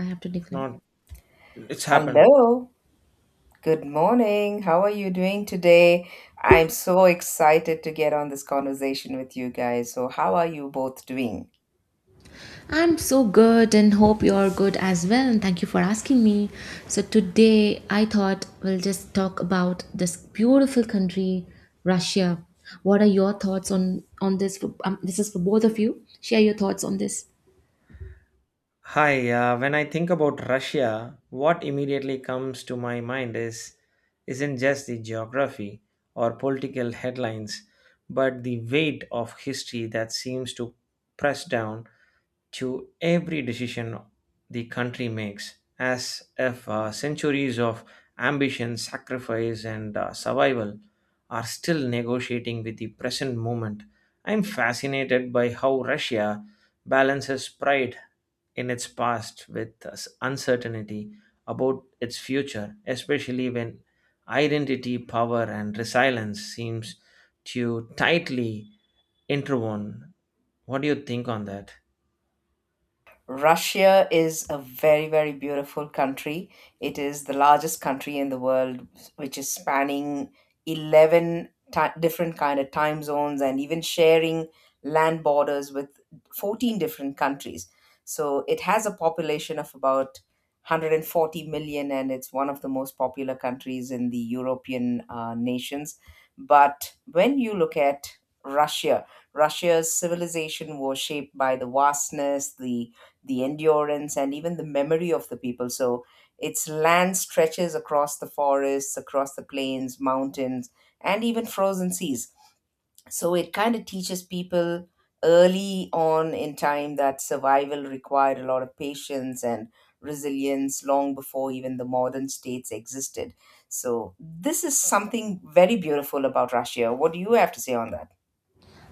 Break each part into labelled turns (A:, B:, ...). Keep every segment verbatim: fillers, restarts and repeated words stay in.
A: I have to decline.
B: Not it's happened.
C: Hello, good morning. How are you doing today? I'm so excited to get on this conversation with you guys. So, how are you both doing?
A: I'm so good and hope you're good as well. And thank you for asking me. So, today I thought we'll just talk about this beautiful country, Russia. What are your thoughts on on this? For, um, this is for both of you. Share your thoughts on this.
B: Hi, uh, when I think about Russia, what immediately comes to my mind is isn't just the geography or political headlines, but the weight of history that seems to press down to every decision the country makes, as if uh, centuries of ambition, sacrifice, and uh, survival are still negotiating with the present moment. I'm fascinated by how Russia balances pride in its past with uh, uncertainty about its future, especially when identity, power, and resilience seems to tightly interwoven. What do you think on that?
C: Russia is a very, very beautiful country. It is the largest country in the world, which is spanning eleven ti- different kind of time zones and even sharing land borders with fourteen different countries. So it has a population of about one hundred forty million, and it's one of the most popular countries in the European uh, nations. But when you look at Russia, Russia's civilization was shaped by the vastness, the the endurance and even the memory of the people. So its land stretches across the forests, across the plains, mountains, and even frozen seas. So it kind of teaches people early on in time that survival required a lot of patience and resilience long before even the modern states existed. So this is something very beautiful about Russia. What do you have to say on that?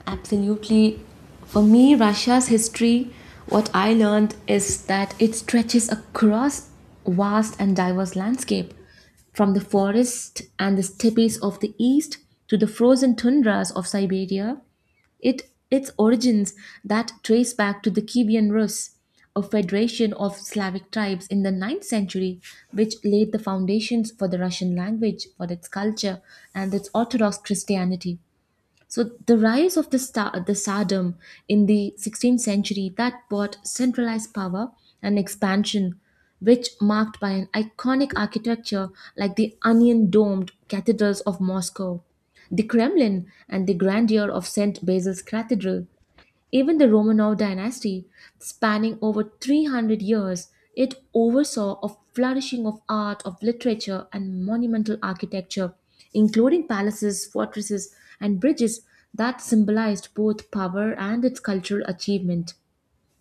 A: Absolutely. For me, Russia's history, what I learned is that it stretches across vast and diverse landscape, from the forests and the steppes of the east to the frozen tundras of Siberia. It its origins that trace back to the Kievan Rus, a federation of Slavic tribes in the ninth century, which laid the foundations for the Russian language, for its culture, and its Orthodox Christianity. So the rise of the sta- the Tsardom in the sixteenth century that brought centralized power and expansion, which marked by an iconic architecture like the onion-domed cathedrals of Moscow, the Kremlin, and the grandeur of Saint Basil's Cathedral. Even the Romanov dynasty, spanning over three hundred years, it oversaw a flourishing of art, of literature, and monumental architecture, including palaces, fortresses, and bridges that symbolized both power and its cultural achievement.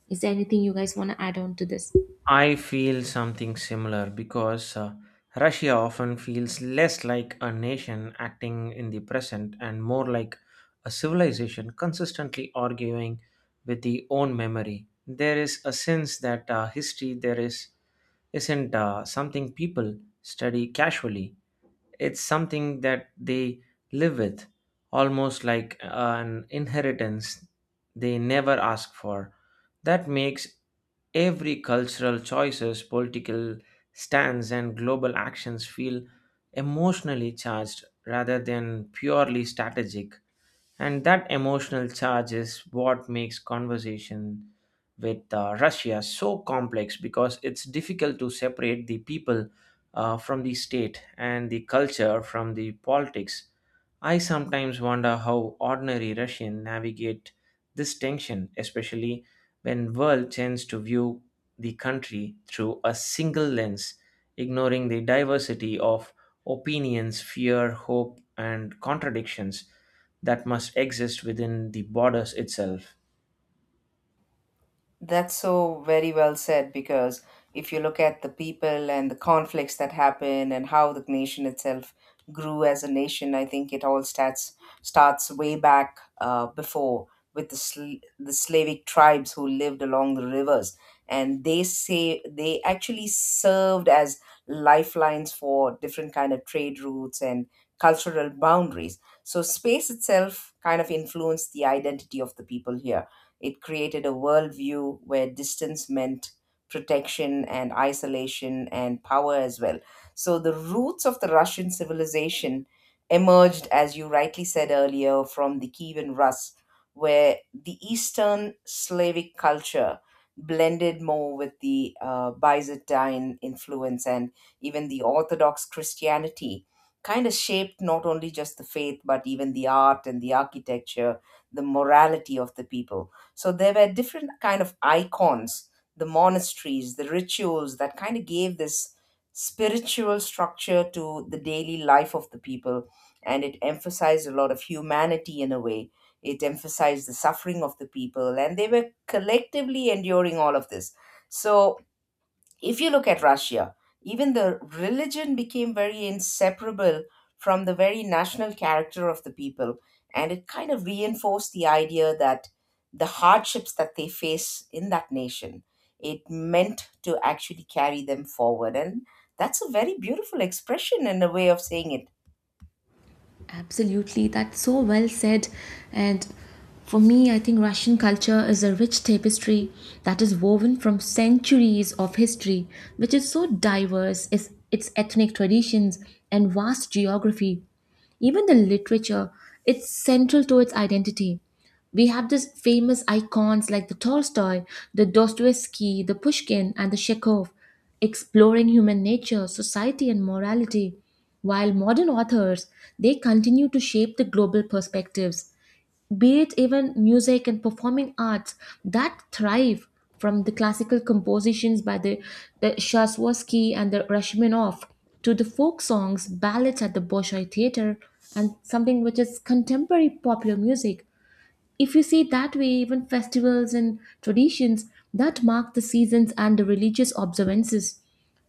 A: Is there anything you guys want to add on to this?
B: I feel something similar because uh, Russia often feels less like a nation acting in the present and more like a civilization consistently arguing with the own memory. There is a sense that uh, history there is isn't uh, something people study casually, it's something that they live with, almost like an inheritance they never ask for. That makes every cultural choices, political stance, and global actions feel emotionally charged rather than purely strategic. And that emotional charge is what makes conversation with uh, Russia so complex because it's difficult to separate the people uh, from the state and the culture from the politics. I sometimes wonder how ordinary Russians navigate this tension, especially when world tends to view the country through a single lens, ignoring the diversity of opinions, fear, hope, and contradictions that must exist within the borders itself.
C: That's so very well said, because if you look at the people and the conflicts that happen and how the nation itself grew as a nation, I think it all starts starts way back uh, before with the sl- the Slavic tribes who lived along the rivers, and they say they actually served as lifelines for different kind of trade routes and cultural boundaries. So space itself kind of influenced the identity of the people here. It created a worldview where distance meant protection and isolation and power as well. So the roots of the Russian civilization emerged, as you rightly said earlier, from the Kievan Rus, where the Eastern Slavic culture blended more with the uh, Byzantine influence, and even the Orthodox Christianity kind of shaped not only just the faith but even the art and the architecture, the morality of the people. So there were different kind of icons, the monasteries, the rituals that kind of gave this spiritual structure to the daily life of the people, and it emphasized a lot of humanity. In a way, it emphasized the suffering of the people, and they were collectively enduring all of this. So if you look at Russia, even the religion became very inseparable from the very national character of the people. And it kind of reinforced the idea that the hardships that they face in that nation, it meant to actually carry them forward. And that's a very beautiful expression and a way of saying it.
A: Absolutely, that's so well said. And for me, I think Russian culture is a rich tapestry that is woven from centuries of history, which is so diverse, is its ethnic traditions and vast geography. Even the literature, it's central to its identity. We have these famous icons like the Tolstoy, the Dostoevsky, the Pushkin, and the Chekhov exploring human nature, society, and morality. While modern authors, they continue to shape the global perspectives, be it even music and performing arts that thrive from the classical compositions by the, the Shaswatsky and the Rachmaninoff to the folk songs, ballads at the Bolshoi Theater, and something which is contemporary popular music if you see that way, even festivals and traditions that mark the seasons and the religious observances.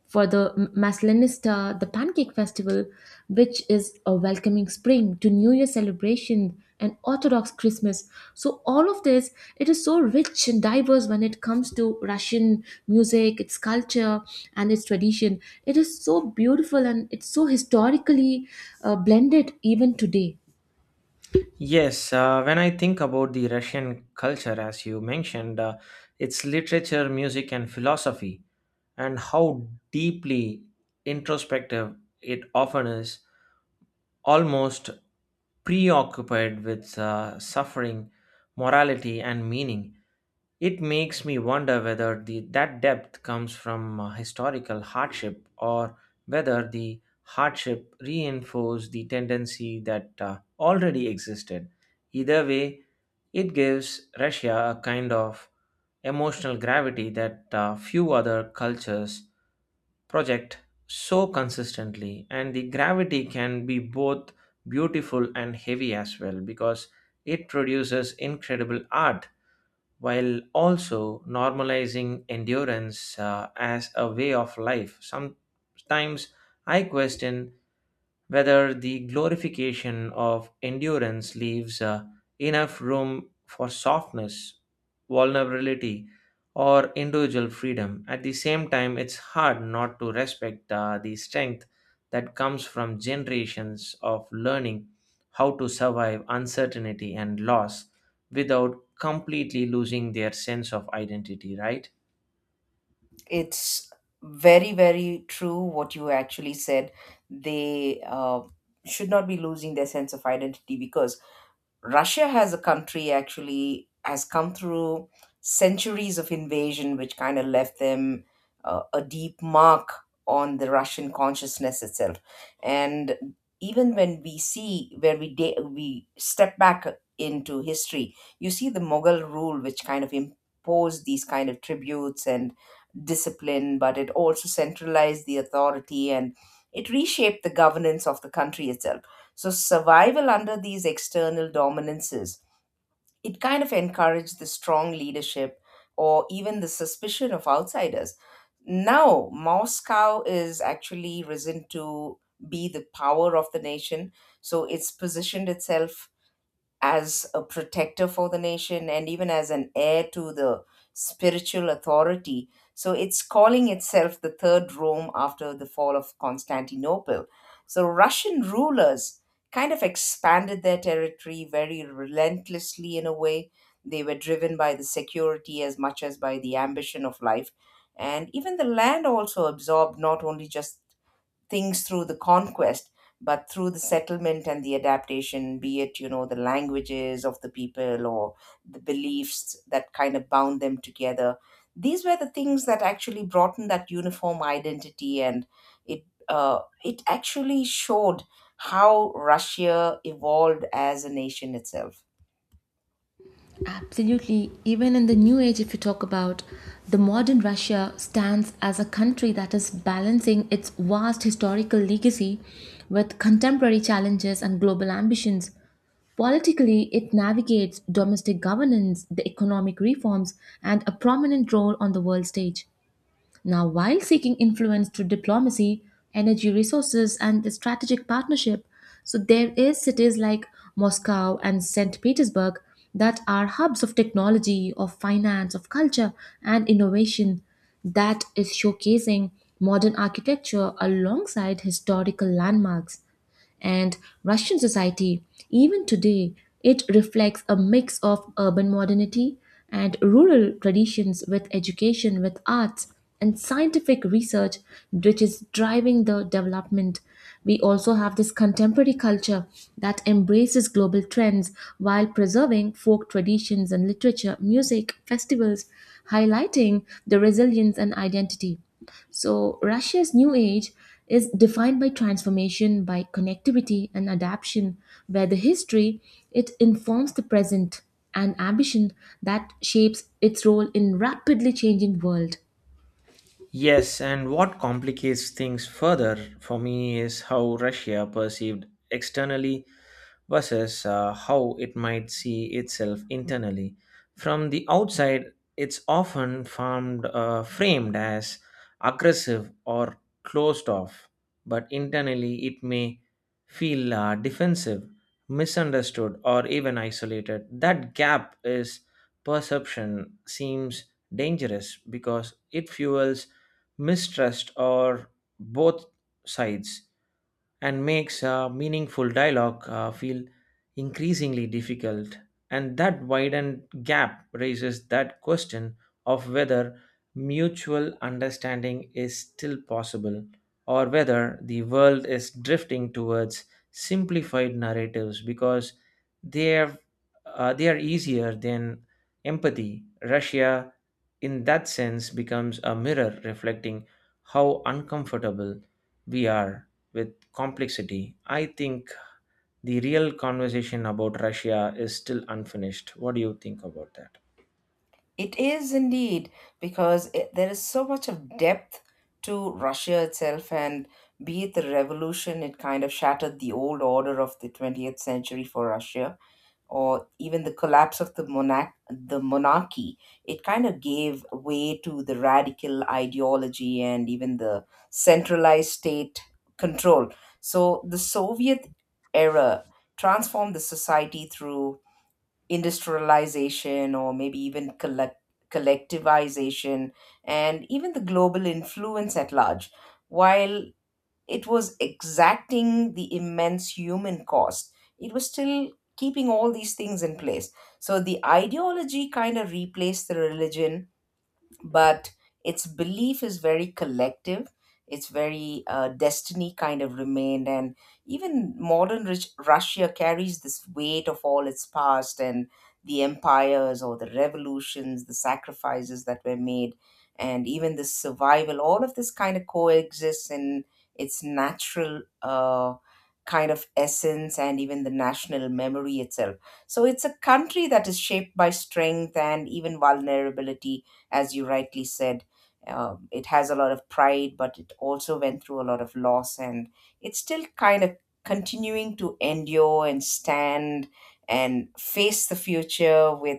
A: For the M- Maslenista, the Pancake Festival, which is a welcoming spring to New Year celebration and Orthodox Christmas. So all of this, it is so rich and diverse when it comes to Russian music, its culture and its tradition. It is so beautiful and it's so historically uh, blended even today.
B: Yes, uh, when I think about the Russian culture, as you mentioned, uh, its literature, music, and philosophy, and how deeply introspective it often is, almost preoccupied with uh, suffering, morality, and meaning. It makes me wonder whether the, that depth comes from uh, historical hardship or whether the hardship reinforced the tendency that uh, already existed. Either way, it gives Russia a kind of emotional gravity that uh, few other cultures project so consistently, and the gravity can be both beautiful and heavy as well because it produces incredible art while also normalizing endurance uh, as a way of life. Sometimes I question whether the glorification of endurance leaves uh, enough room for softness, vulnerability, or individual freedom. At the same time, it's hard not to respect uh, the strength that comes from generations of learning how to survive uncertainty and loss without completely losing their sense of identity, right?
C: It's very, very true what you actually said. They uh, should not be losing their sense of identity, because Russia has a country actually has come through centuries of invasion, which kind of left them uh, a deep mark on the Russian consciousness itself. And even when we see where we da- we step back into history, you see the Mughal rule, which kind of imposed these kind of tributes and discipline, but it also centralized the authority and it reshaped the governance of the country itself. So survival under these external dominances, it kind of encouraged the strong leadership or even the suspicion of outsiders. Now, Moscow is actually risen to be the power of the nation. So it's positioned itself as a protector for the nation and even as an heir to the spiritual authority. So it's calling itself the Third Rome after the fall of Constantinople. So Russian rulers kind of expanded their territory very relentlessly in a way. They were driven by the security as much as by the ambition of life. And even the land also absorbed not only just things through the conquest, but through the settlement and the adaptation, be it you know the languages of the people or the beliefs that kind of bound them together. These were the things that actually brought in that uniform identity, and it uh, it actually showed how russia evolved as a nation itself.
A: Absolutely. Even in the new age, if you talk about the modern Russia stands as a country that is balancing its vast historical legacy with contemporary challenges and global ambitions. Politically, it navigates domestic governance, the economic reforms, and a prominent role on the world stage. Now, while seeking influence through diplomacy, energy resources, and the strategic partnership, so there is cities like Moscow and saint Petersburg that are hubs of technology, of finance, of culture, and innovation that is showcasing modern architecture alongside historical landmarks. And Russian society, even today, it reflects a mix of urban modernity and rural traditions with education, with arts, and scientific research, which is driving the development. We also have this contemporary culture that embraces global trends while preserving folk traditions and literature, music, festivals, highlighting the resilience and identity. So, Russia's new age is defined by transformation, by connectivity and adaptation, where the history it informs the present and ambition that shapes its role in rapidly changing world.
B: Yes, and what complicates things further for me is how Russia perceived externally versus uh, how it might see itself internally. From the outside, it's often farmed, uh, framed as aggressive or closed off, but internally it may feel uh, defensive, misunderstood, or even isolated. That gap is perception seems dangerous because it fuels mistrust or both sides and makes uh, meaningful dialogue uh, feel increasingly difficult. And that widened gap raises that question of whether mutual understanding is still possible or whether the world is drifting towards simplified narratives because they are, uh, they are easier than empathy. Russia, in that sense, becomes a mirror reflecting how uncomfortable we are with complexity. I think the real conversation about Russia is still unfinished. What do you think about that?
C: It is indeed, because it, there is so much of depth to Russia itself, and be it the revolution, it kind of shattered the old order of the twentieth century for Russia, or even the collapse of the monarch, the monarchy. It kind of gave way to the radical ideology and even the centralized state control. So the Soviet era transformed the society through industrialization or maybe even collect collectivization and even the global influence at large. While it was exacting the immense human cost, it was still keeping all these things in place. So the ideology kind of replaced the religion, but its belief is very collective. It's very uh, destiny kind of remained, and even modern rich Russia carries this weight of all its past and the empires or the revolutions, the sacrifices that were made, and even the survival. All of this kind of coexists in its natural uh, kind of essence and even the national memory itself. So it's a country that is shaped by strength and even vulnerability, as you rightly said. Um, it has a lot of pride, but it also went through a lot of loss, and it's still kind of continuing to endure and stand and face the future with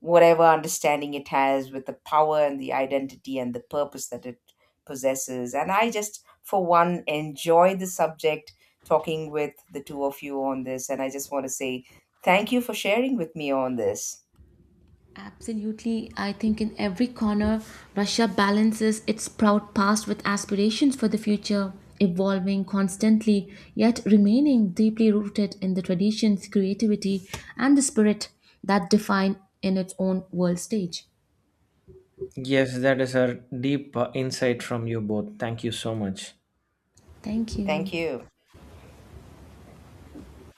C: whatever understanding it has, with the power and the identity and the purpose that it possesses. And I just, for one, enjoy the subject talking with the two of you on this, and I just want to say thank you for sharing with me on this.
A: Absolutely, I think in every corner, Russia balances its proud past with aspirations for the future, evolving constantly, yet remaining deeply rooted in the traditions, creativity, and the spirit that define in its own world stage.
B: Yes, that is a deep uh, insight from you both. Thank you so much.
A: Thank you.
C: Thank you.